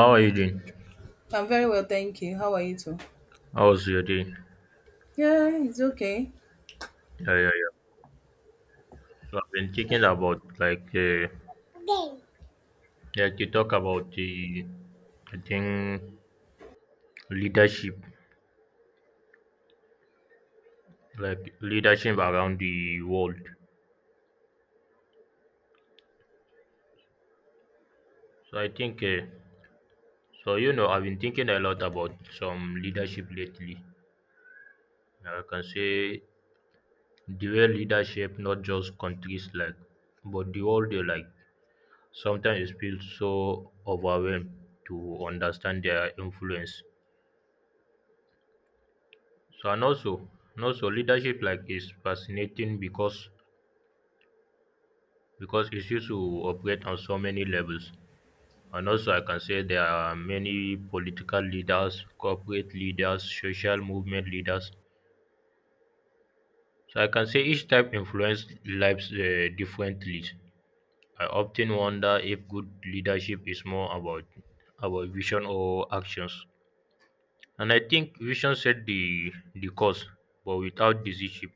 How are you doing? I'm very well, thank you. How are you too? How's your day? Yeah, Yeah, it's okay. yeah, yeah. So I've been thinking about Game. like you talk about the I think leadership, like leadership around the world. So I think so you know I've been thinking a lot about some leadership lately. Yeah, I can say the way leadership not just countries like, but the world they like. Sometimes it feels so overwhelmed to understand their influence. So and also, and also leadership like is fascinating because it's used to operate on so many levels. And also I can say there are many political leaders, corporate leaders, social movement leaders. So I can say each type influence lives differently. I often wonder if good leadership is more about vision or actions. And I think vision set the course, but without decision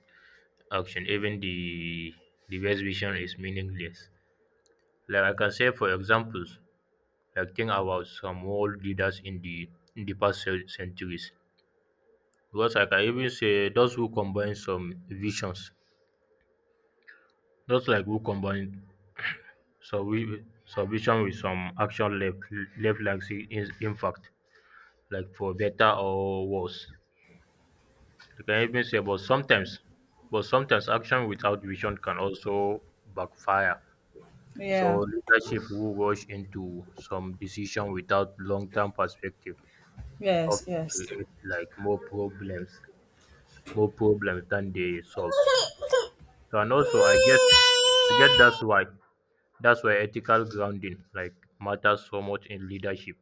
action even the best vision is meaningless, like I can say for examples, like think about some world leaders in the past centuries, because like I can even say those who combine some visions, not like who combine some vision with some action left like see in, impact, like for better or worse. You can even say, but sometimes action without vision can also backfire. So Yeah. leadership who rush into some decision without long-term perspective Yes, often yes. create like more problems than they solve. So and also, I guess that's why ethical grounding like matters so much in leadership.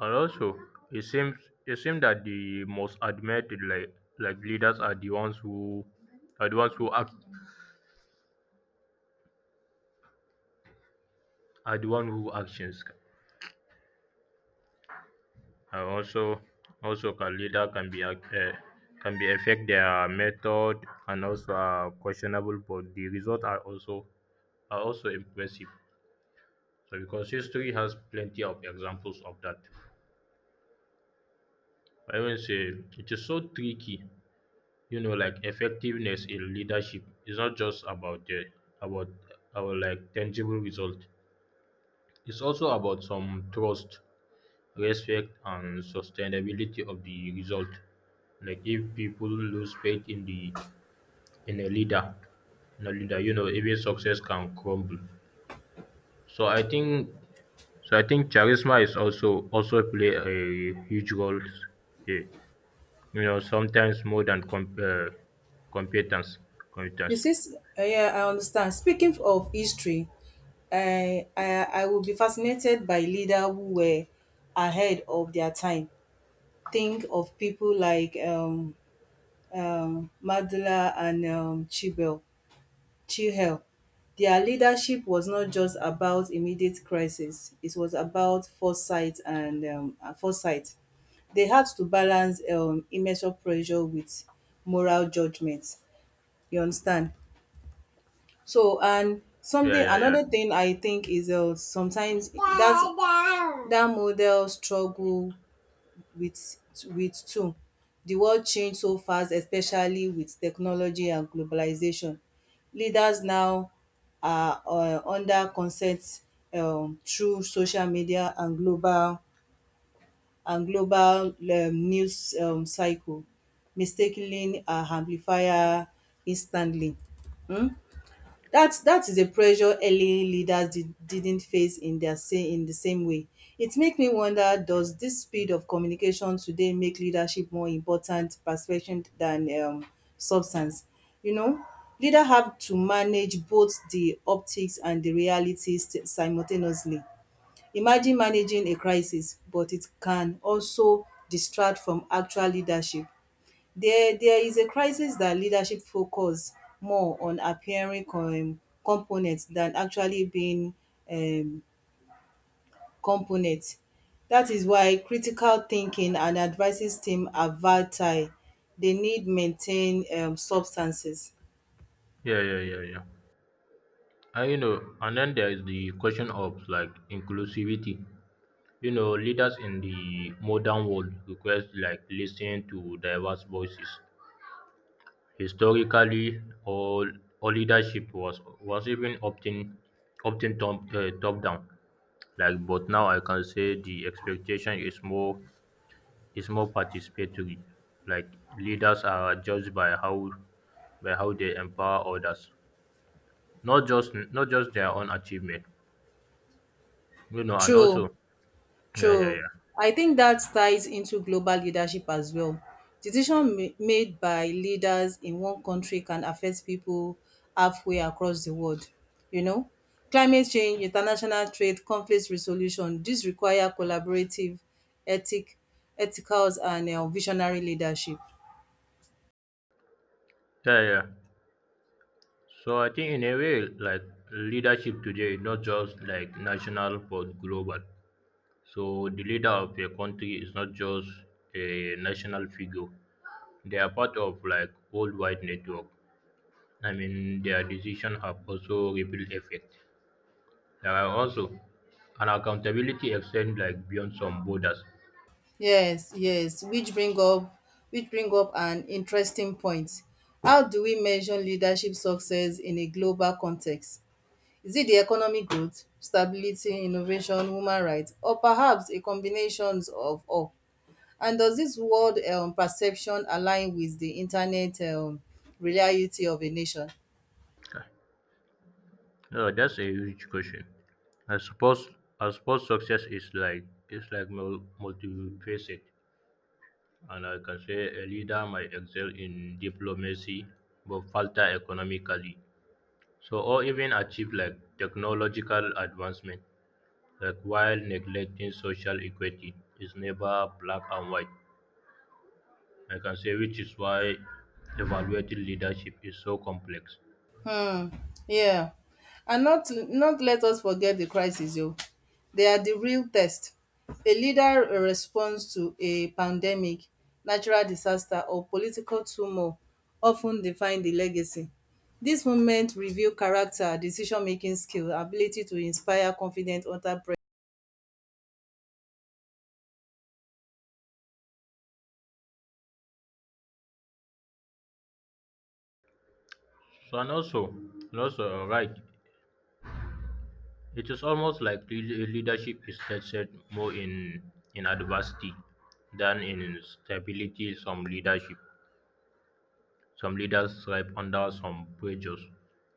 And also it seems it seems that the most admitted like leaders are the ones who act are the one who actions, and also also can leader can be ac- can be affect their method and also are questionable, but the results are also impressive, so because history has plenty of examples of that. I will say it is so tricky. You know, like effectiveness in leadership is not just about our like tangible result. It's also about some trust, respect and sustainability of the result. Like if people lose faith in the in a leader, in a leader, you know, even success can crumble. So I think so I think charisma is also play a huge role here. You know, sometimes more than competence. You Competence. see, yeah, I understand. Speaking of history, I will be fascinated by leader who were ahead of their time. Think of people like Mandela and Chibel. Chihel. Their leadership was not just about immediate crisis, it was about foresight and foresight. They had to balance immeasurable pressure with moral judgment. You understand? So, and Yeah, something, yeah, yeah. another thing I think is sometimes that that model struggle with with two. The world change so fast especially with technology and globalization. Leaders now are under consent through social media and global news cycle mistakenly and amplifier instantly. um that is a pressure early leaders didn't face in their say in the same way. It makes me wonder, does this speed of communication today make leadership more important perception than substance? You know, leader have to manage both the optics and the reality simultaneously. Imagine managing a crisis, but it can also distract from actual leadership. There is a crisis that leadership focus more on appearing com component than actually being um component. Dat why critical thinking and advices team are vital. They need maintain substances. Yeah, yeah, yeah, yeah. And you know, and then there is the question of like inclusivity. You know, leaders in the modern world request like listening to diverse voices. Historically, all leadership was even often top, top down, like but now I can say the expectation is more participatory. Like leaders are judged by how they empower others, not just their own achievement, you know. And True. also, yeah, yeah, True. yeah, I think that ties into global leadership as well. Decisions made by leaders in one country can affect people halfway across the world. You know, climate change, international trade, conflict resolution, these require collaborative, ethic, ethicals, and visionary leadership. yeah, yeah. So I think in a way, like leadership today is not just like national but global. So the leader of a country is not just a national figure. They are part of like worldwide network. I mean their decision have also ripple effect. There are also an accountability extend like beyond some borders. Yes, yes, which bring up an interesting point. How do we measure leadership success in a global context? Is it the economic growth, stability, innovation, human rights, or perhaps a combination of all? And does this world perception align with the internet reality of a nation? So that's a huge question. I suppose I suppose success is like it's like multifaceted. And I can say a leader might excel in diplomacy but falter economically. So or even achieve like technological advancement, like while neglecting social equity is never black and white. I can say which is why evaluating leadership is so complex. um yeah, and not not let us forget the crisis o, they are the real test. A leader response to a pandemic, natural disaster or political turmoil of ten define the legacy. This moment reveal character, decision making skill, ability to inspire confident entrepreneur. So and also, right, it is almost like leadership is tested more in adversity than in stability. Some leaders thrive under some pressures,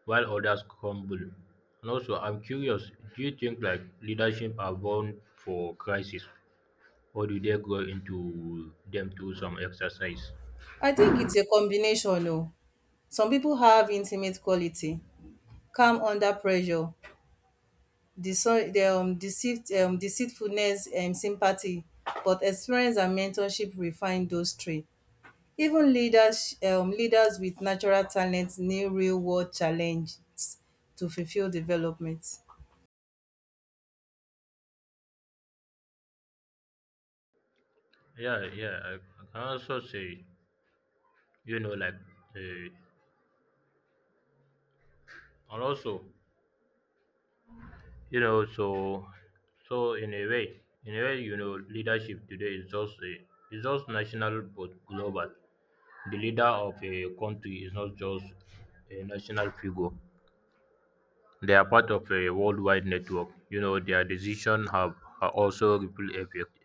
while others crumble. And also, I'm curious, do you think like leadership are born for crisis, or do they grow into them through some exercise? I think it's a combination o, some people have intimate quality, calm under pressure, deceit, deceitfulness, sympathy, but experience and mentorship refine those three. Even leaders, leaders with natural talents need real world challenges to fulfill development. Yeah, yeah. I can also say, you know, uh, and also, you know, so in a way, you know, leadership today is just a, is just national but global. The leader of a country is not just a national figure. They are part of a worldwide network. You know, their decisions have are also ripple effect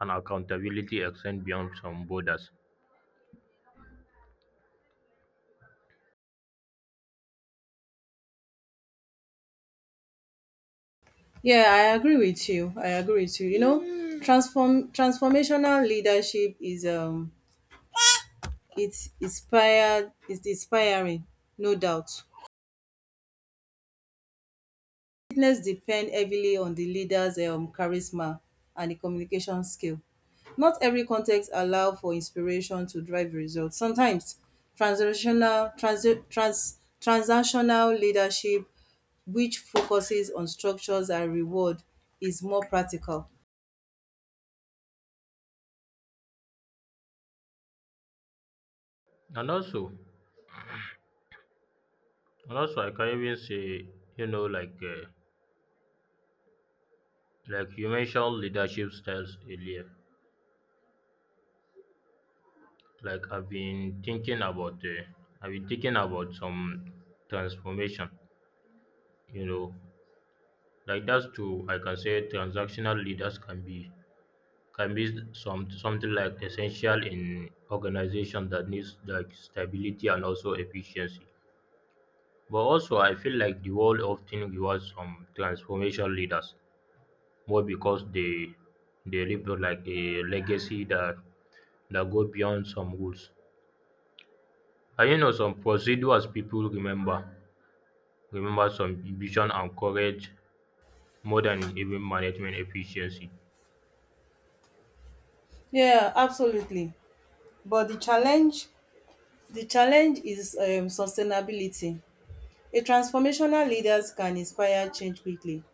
and accountability extend beyond some borders. Yeah, I agree with you. I agree with you. You know, Mm. Transformational leadership is it's inspired, it's inspiring, no doubt. Fitness depend heavily on the leader's charisma and the communication skill. Not every context allow for inspiration to drive results. Sometimes transactional leadership, which focuses on structures and reward, is more practical. And also, and also, I can even say, you know, like you mentioned leadership styles earlier. Like I've been thinking about, I've been thinking about some transformation. You know, like that's too. I can say transactional leaders can be some something like essential in organization that needs like stability and also efficiency. But also I feel like the world often rewards some transformation leaders more because they leave like a legacy that go beyond some rules. And you know some procedures people remember some vision and courage more than even management efficiency. Yeah, absolutely. But the challenge is sustainability. A transformational leaders can inspire change quickly,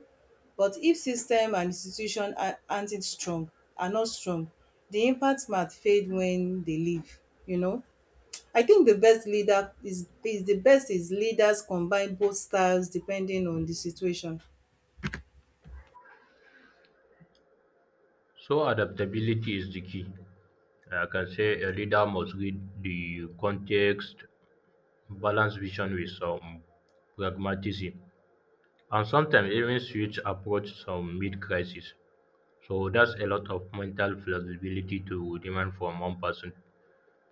but if system and institution aren't it strong, are not strong, the impact might fade when they leave, you know. I think the best leader is the best is leaders combine both styles depending on the situation. So adaptability is the key. I can say a leader must read the context, balance vision with some pragmatism, and sometimes even switch approach some mid crisis. So that's a lot of mental flexibility to demand from one person,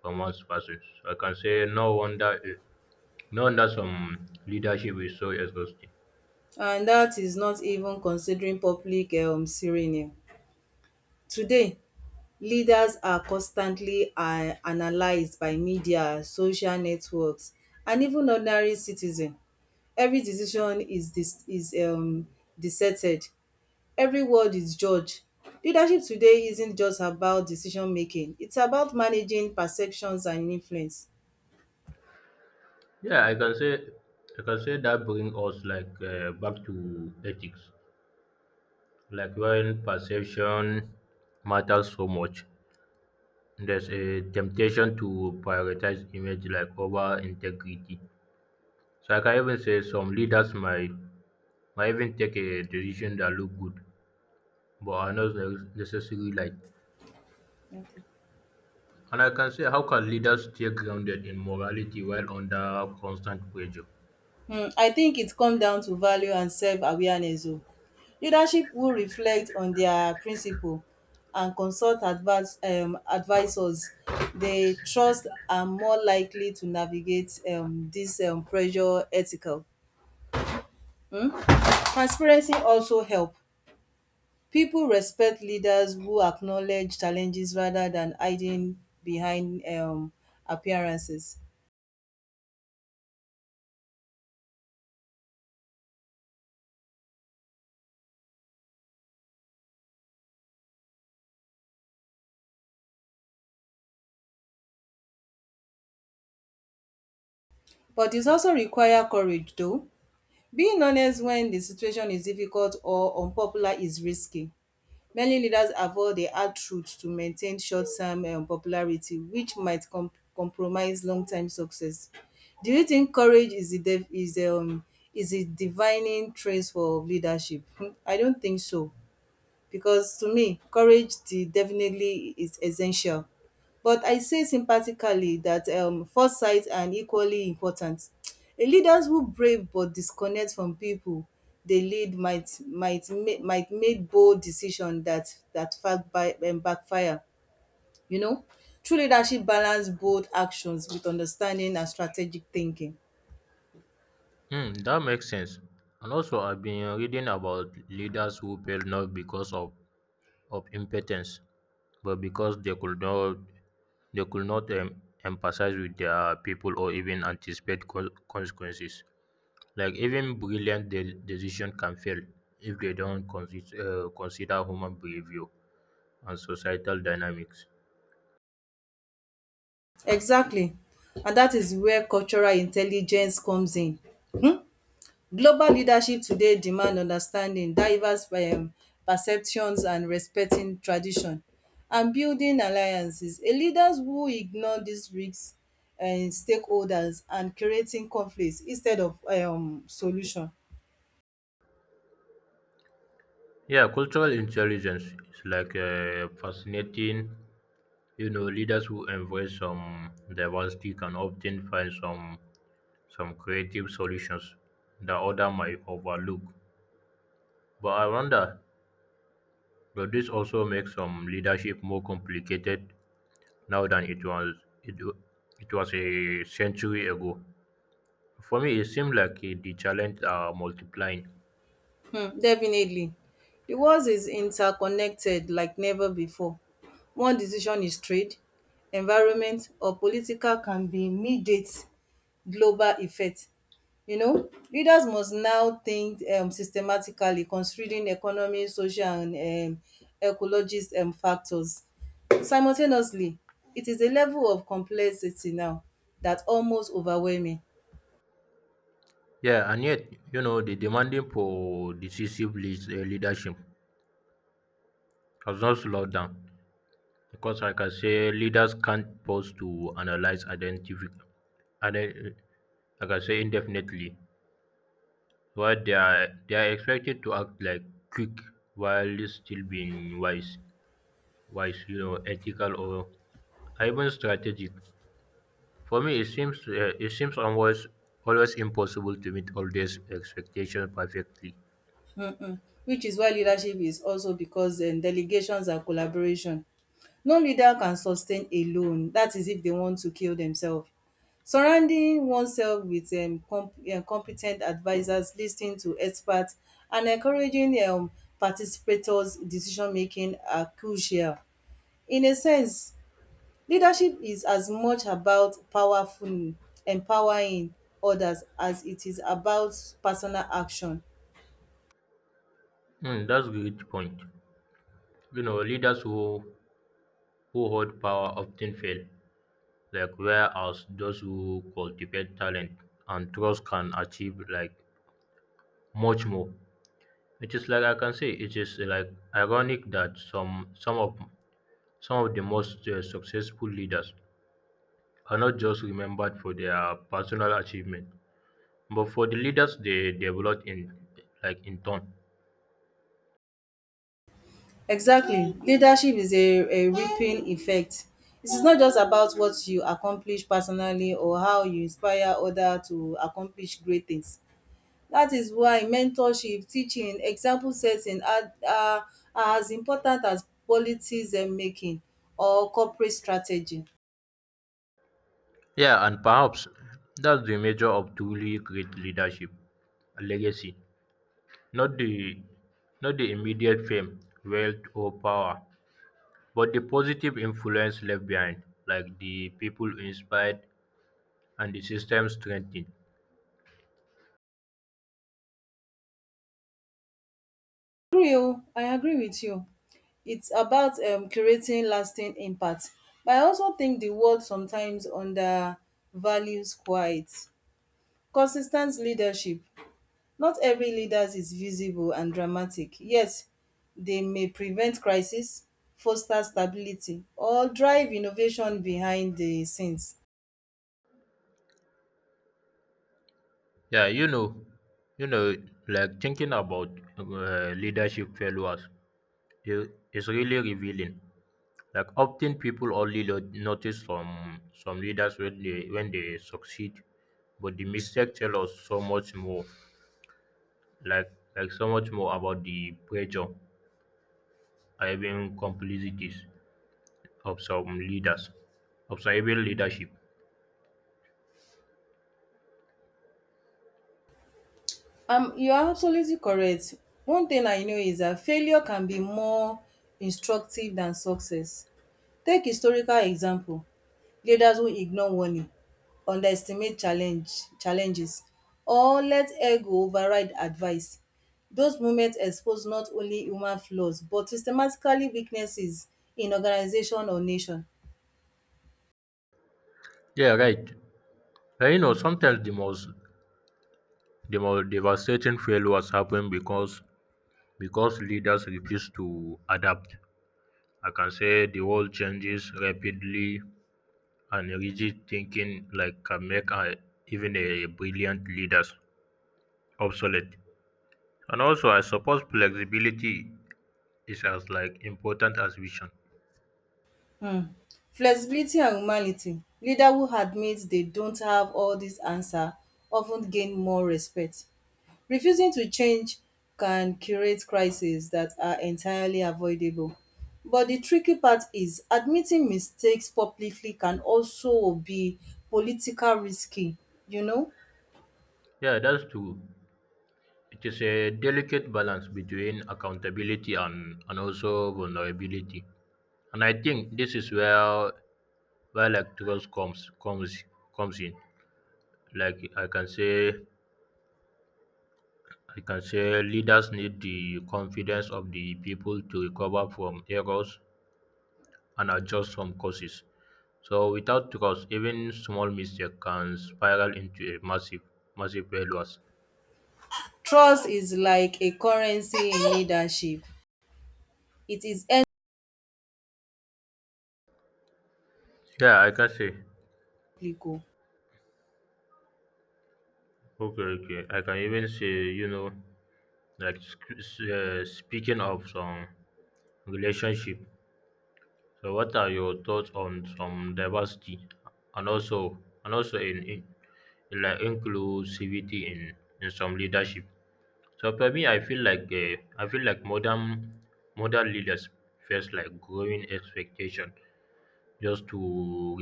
So I can say no wonder some leadership is so exhausting. And that is not even considering public serene today. Leaders are constantly analyzed by media, social networks and even ordinary citizen. Every decision is discerted, every word is judged. Leadership today isn't just about decision making, it's about managing perceptions and influence. Yeah, I can say that bring us like back to ethics, like when perception matters so much. There's a temptation to prioritize image like over integrity. So I can even say some leaders might even take a decision that look good, but are not necessarily like. Okay. And I can say, how can leaders stay grounded in morality while under constant pressure? Hmm, I think it comes down to value and self awareness. Oh. Leadership will reflect on their principle and consult advise, advisors they trust are more likely to navigate this pressure ethical. Hmm? Transparency also help. People respect leaders who acknowledge challenges rather than hiding behind appearances. But it also requires courage, though. Being honest when the situation is difficult or unpopular is risky. Many leaders avoid the hard truth to maintain short term popularity, which might compromise long term success. Do you think courage is the is a divining trait for leadership? Hmm, I don't think so. Because to me courage de definitely is essential, but I say sympathically that foresight and equally important. A leaders who brave but disconnect from people they lead might make bold decision that that fact by backfire, you know. True leadership balance bold actions with understanding and strategic thinking. Hmm, that makes sense. And also, I've been reading about leaders who fail not because of impotence, but because they could not empathize with their people or even anticipate consequences. Like even brilliant decision can fail if they don't consider human behavior and societal dynamics. Exactly, and that is where cultural intelligence comes in. um Global leadership today demand understanding, diverse perceptions and respecting tradition and building alliances. A leaders who ignore dis risk stakeholders and creating conflict instead of solution. Yeah, cultural intelligence is like a fascinating. You know, leaders who embrace some diversity can often find some creative solutions that other might overlook. But I wonder, does this also make some leadership more complicated now than it, w- it was a century ago? For me, it seems like the challenges are multiplying. Definitely, the world is interconnected like never before. One decision is trade, environment or political can be immediate global effect. You know, leaders must now think systematically, considering economic, social and um ecologist factors. Simultaneously, it is a level of complexity now that almost overwhelming, Yeah, and yet, you know, the demanding for decisive leadership has not slowed down because, like I say, leaders can't pause to analyze, identify, and then, like I say, indefinitely. While they are expected to act like quick while still being wise. Wise, you know, ethical, or even strategic. For me, it seems almost always impossible to meet all these expectations perfectly. which is why leadership is also because delegations and collaboration. No leader can sustain alone. That is if they want to kill themselves. Surrounding oneself with compe ten t to experts and encouraging participators decision making are crucial. In a sense, leadership is as much about powerful empowering others as it is about personal action. Hmm, that's a great point. You know, leaders who hold power often fail, like whereas those who cultivate talent and trust can achieve like much more. It is like I can say it is like ironic that some of the most successful leaders are not just remembered for their personal achievement, but for the leaders they developed in, like in turn. Exactly, leadership is a ripping effect. It is not just about what you accomplish personally or how you inspire others to accomplish great things. That is why mentorship, teaching, example setting are as important as policy making or corporate strategy. Yeah, and perhaps that's the measure of truly great leadership, a legacy, not the not the immediate fame, wealth, or power, but the positive influence left behind, like the people inspired and the system strengthened. Agree, oh, I agree with you. It's about creating lasting impact. But I also think the world sometimes undervalues quiet. Consis ten leadership. Not every leader is visible and dramatic. Yes, they may prevent crisis, foster stability or drive innovation behind the scenes. Yeah, you know, like thinking about leadership failures is really revealing. Like often people only notice some leaders when they succeed, but the mistake tell us so much more. Like so much more about the pressure, or even complicities of some leaders, of some even leadership. You are absolutely correct. One thing I know is that failure can be more instructive than success. Take historical example, leaders who ignore warning, underestimate challenges or let ego override advice. Those moments expose not only human flaws but systematically weaknesses in organization or nation. Yeah, right. And you know sometimes the most devastating failures happen because leaders refuse to adapt. I can say the world changes rapidly and rigid thinking like can make a, even a brilliant leaders obsolete. And also, I suppose flexibility is as like important as vision. Hmm, flexibility and humanity. Leader who admits they don't have all this answer often gain more respect. Refusing to change can create crises that are entirely avoidable. But the tricky part is admitting mistakes publicly can also be political risky, you know. Yeah, that's true. It is a delicate balance between accountability and also vulnerability. And I think this is where like trust comes in. Like I can say leaders need the confidence of the people to recover from errors and adjust some courses. So without trust, even small mistake can spiral into a massive failures. Trust is like a currency in leadership. It is Yeah, I can say. public. Okay, okay. I can even say, you know, like speaking of some relationship. So, what are your thoughts on some diversity, and also, and also in like inclusivity in some leadership? So for me, I feel like modern leaders face like growing expectation just to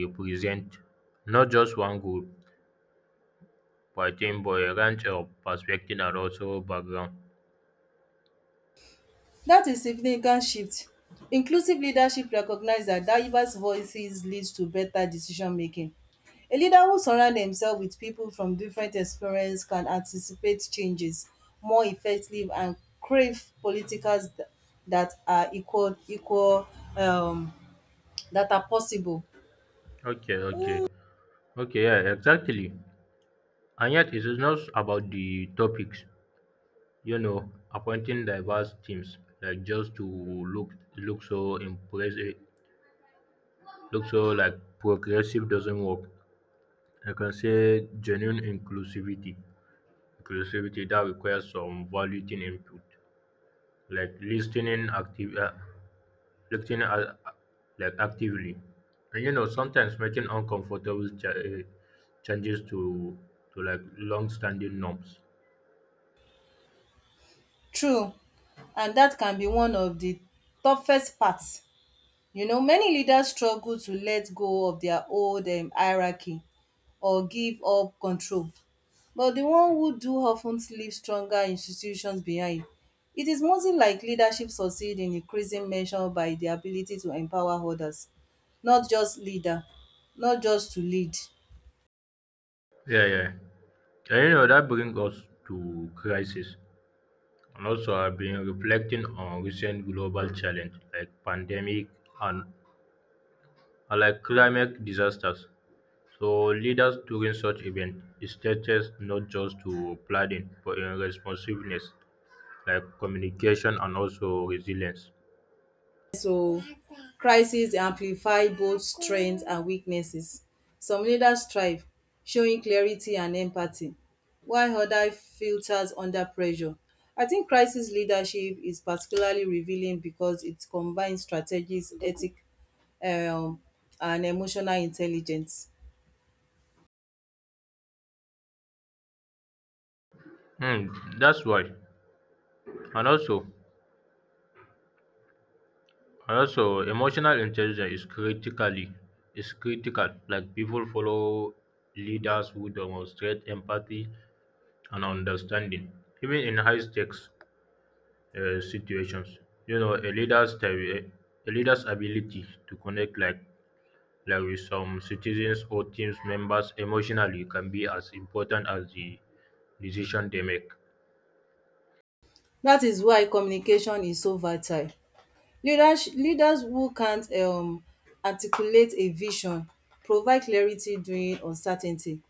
represent not just one group, but I think but a range of perspective and also background. Dat is significant shift. Inclusive leadership recognise dat diverse voices leads to better decision making. A leader who surround themself with people from different experience can anticipate changes more effective and crave politicals dat are equal um dat are possible. Okay, okay, okay, yeah, exactly. And yet, it is not about the topics. You know, appointing diverse teams like just to look so impressive, look so like progressive doesn't work. I can say genuine inclusivity. Inclusivity that requires some valuing input, like listening active, listening like actively, and you know sometimes making uncomfortable changes to like long-standing norms. True, and dat can be one of the toughest part. You know, many leaders struggle to let go of their old hierarchy or give up control. But the one who do often leave stronger institutions behind. It is mostly like leadership succeed in increasing measure by the ability to empower others, not just leader, not just to lead. Yeah, yeah, and you know that brings us to crisis. And also, I've been reflecting on recent global challenge like pandemic and, and like climate disasters. So leaders during such events is teaches not just to planning but in responsiveness like communication and also resilience. So crises amplify both strengths and weaknesses. Some leaders thrive, showing clarity and empathy, while others filters under pressure. I think crisis leadership is particularly revealing because it combines strategies, ethic, um and emotional intelligence. Hmm, that's why. And also and also emotional intelligence is critically is critical. Like people follow leaders who demonstrate empathy and understanding, even in high stakes situations. You know, a leader's ability to connect like with some citizens or team members, emotionally can be as important as the decision they make. That is why communication is so vital. Leaders who can't articulate a vision, provide clarity during uncertainty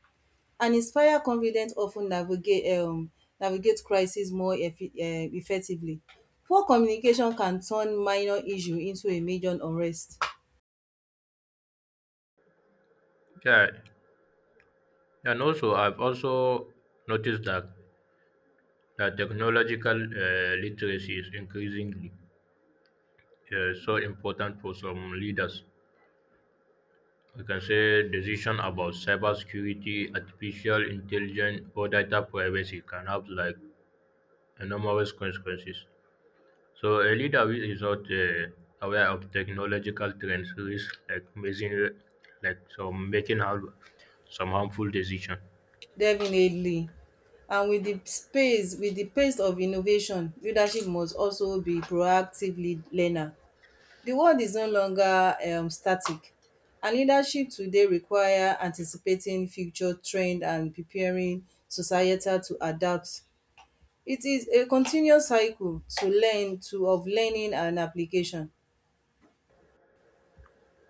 and inspire confidence of ten navigate navigate crisis more effi effectively. Poor communication can turn minor issue into a major unrest. Yeah, and also I've also noticed that technological literacy is increasingly so important for some leaders. We can say decision about cybersecurity, artificial intelligence, or data privacy can have like enormous consequences. So early David is not aware of technological trends, risk like making like so making har- some harmful decision. Definitely, and with the space with the pace of innovation leadership must also be proactive learner. The world is no longer static and leadership today require anticipating future trends and preparing societal to adapt. It is a continuous cycle to learn to of learning and application.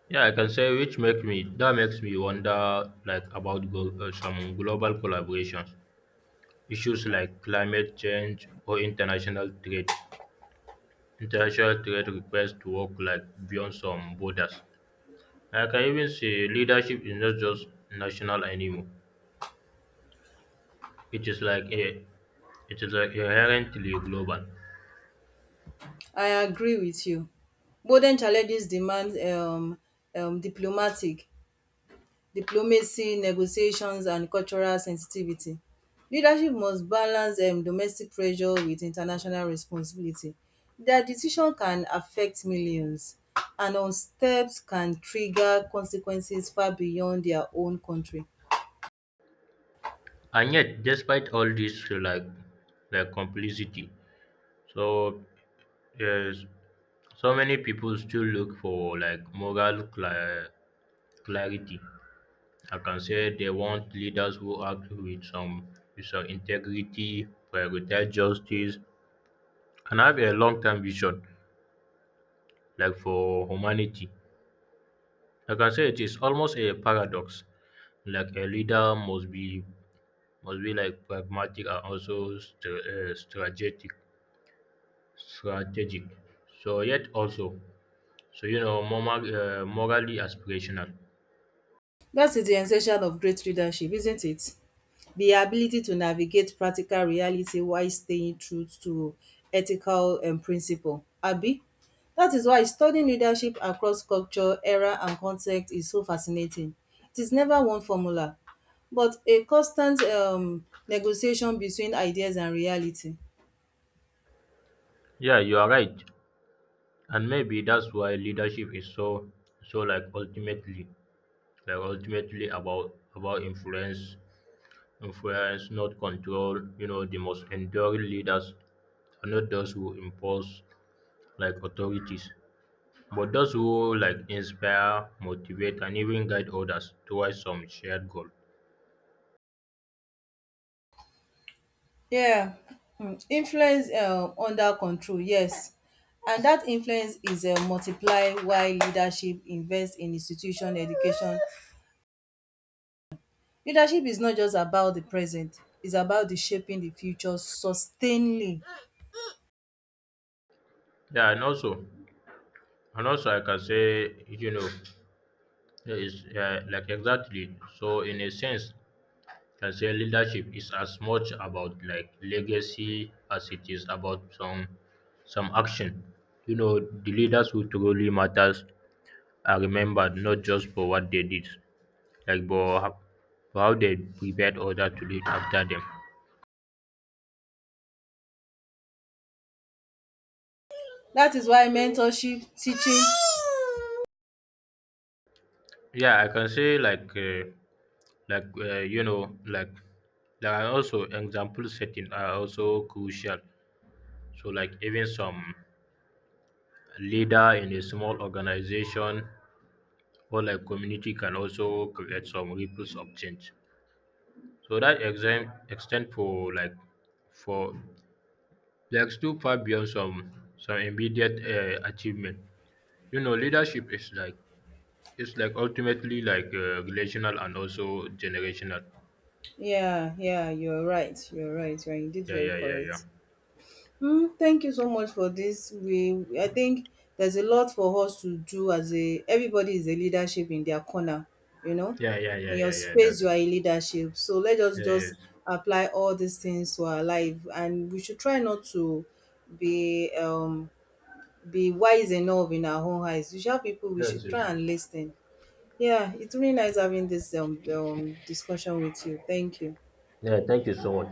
Yeah, I can say which make me that makes me wonder like about some global collaborations, issues like climate change or international trade. International trade requires to work like beyond some borders. Like, I can even see leadership is not just national anymore. It is like a it is like inherently global. I agree with you. Modern challenges demand diplomatic diplomacy, negotiations and cultural sensitivity. Leadership must balance domestic pressure with international responsibility. Their decision can affect millions, and unsteps can trigger consequences far beyond their own country. And yet, despite all this, like complicity, so yes, so many people still look for like clarity. I can say they want leaders who act with some integrity, prioritize justice, and have a long-term vision, like for humanity. I can say it is almost a paradox. Like a leader must be like pragmatic and also strategic, so yet also, so you know, morally aspirational. That is the di essential of great leadership, isn't it, di ability to navigate practical reality while staying true to ethical principle. Dat is why studying leadership across culture, era and context is so fascinating. It is never one formula but a constant negotiation between ideas and reality. Yeah, you are right, and maybe that's why leadership is so, so like ultimately, like ultimately about influence, influence, not control. You know, the most enduring leaders are not those who impose like authorities, but those who like inspire, motivate, and even guide others towards some shared goal. Yeah, influence under control, yes, and dat influence is multiply while leadership invest in institution, education. Leadership is not just about the present, it's about the shaping the future sustainly. Yeah, and also, I can say, you know. Yeah, it's, yeah, like exactly. So in a sense, can say leadership is as much about like legacy as it is about some action. You know, the leaders who truly matters are remembered not just for what they did, like but ho- for how they prepared others to live after them. That is why mentorship, teaching, Yeah, I can say you know like there are also example setting are also crucial. So like even some leader in a small organization or like community can also create some ripples of change. So that exam extend for like too far beyond some immediate achievement. You know, leadership is like it's like ultimately like relational and also generational. yeah, yeah, you're right. You're right. You're indeed Yeah, very yeah, yeah, yeah, correct. Hmm. Thank you so much for this. We, I think there's a lot for us to do, as a everybody is a leadership in their corner, you know. yeah, yeah, yeah, In your yeah, yeah. space you That's are it. a leadership. So let us Yeah, just yes, apply all these things to our life and we should try not to be um be wise enough in our own eyes. We shout people, we yes, should yes, try yes. and listen. Yeah, it's really nice having this discussion with you. Thank you. Yeah, thank you so much.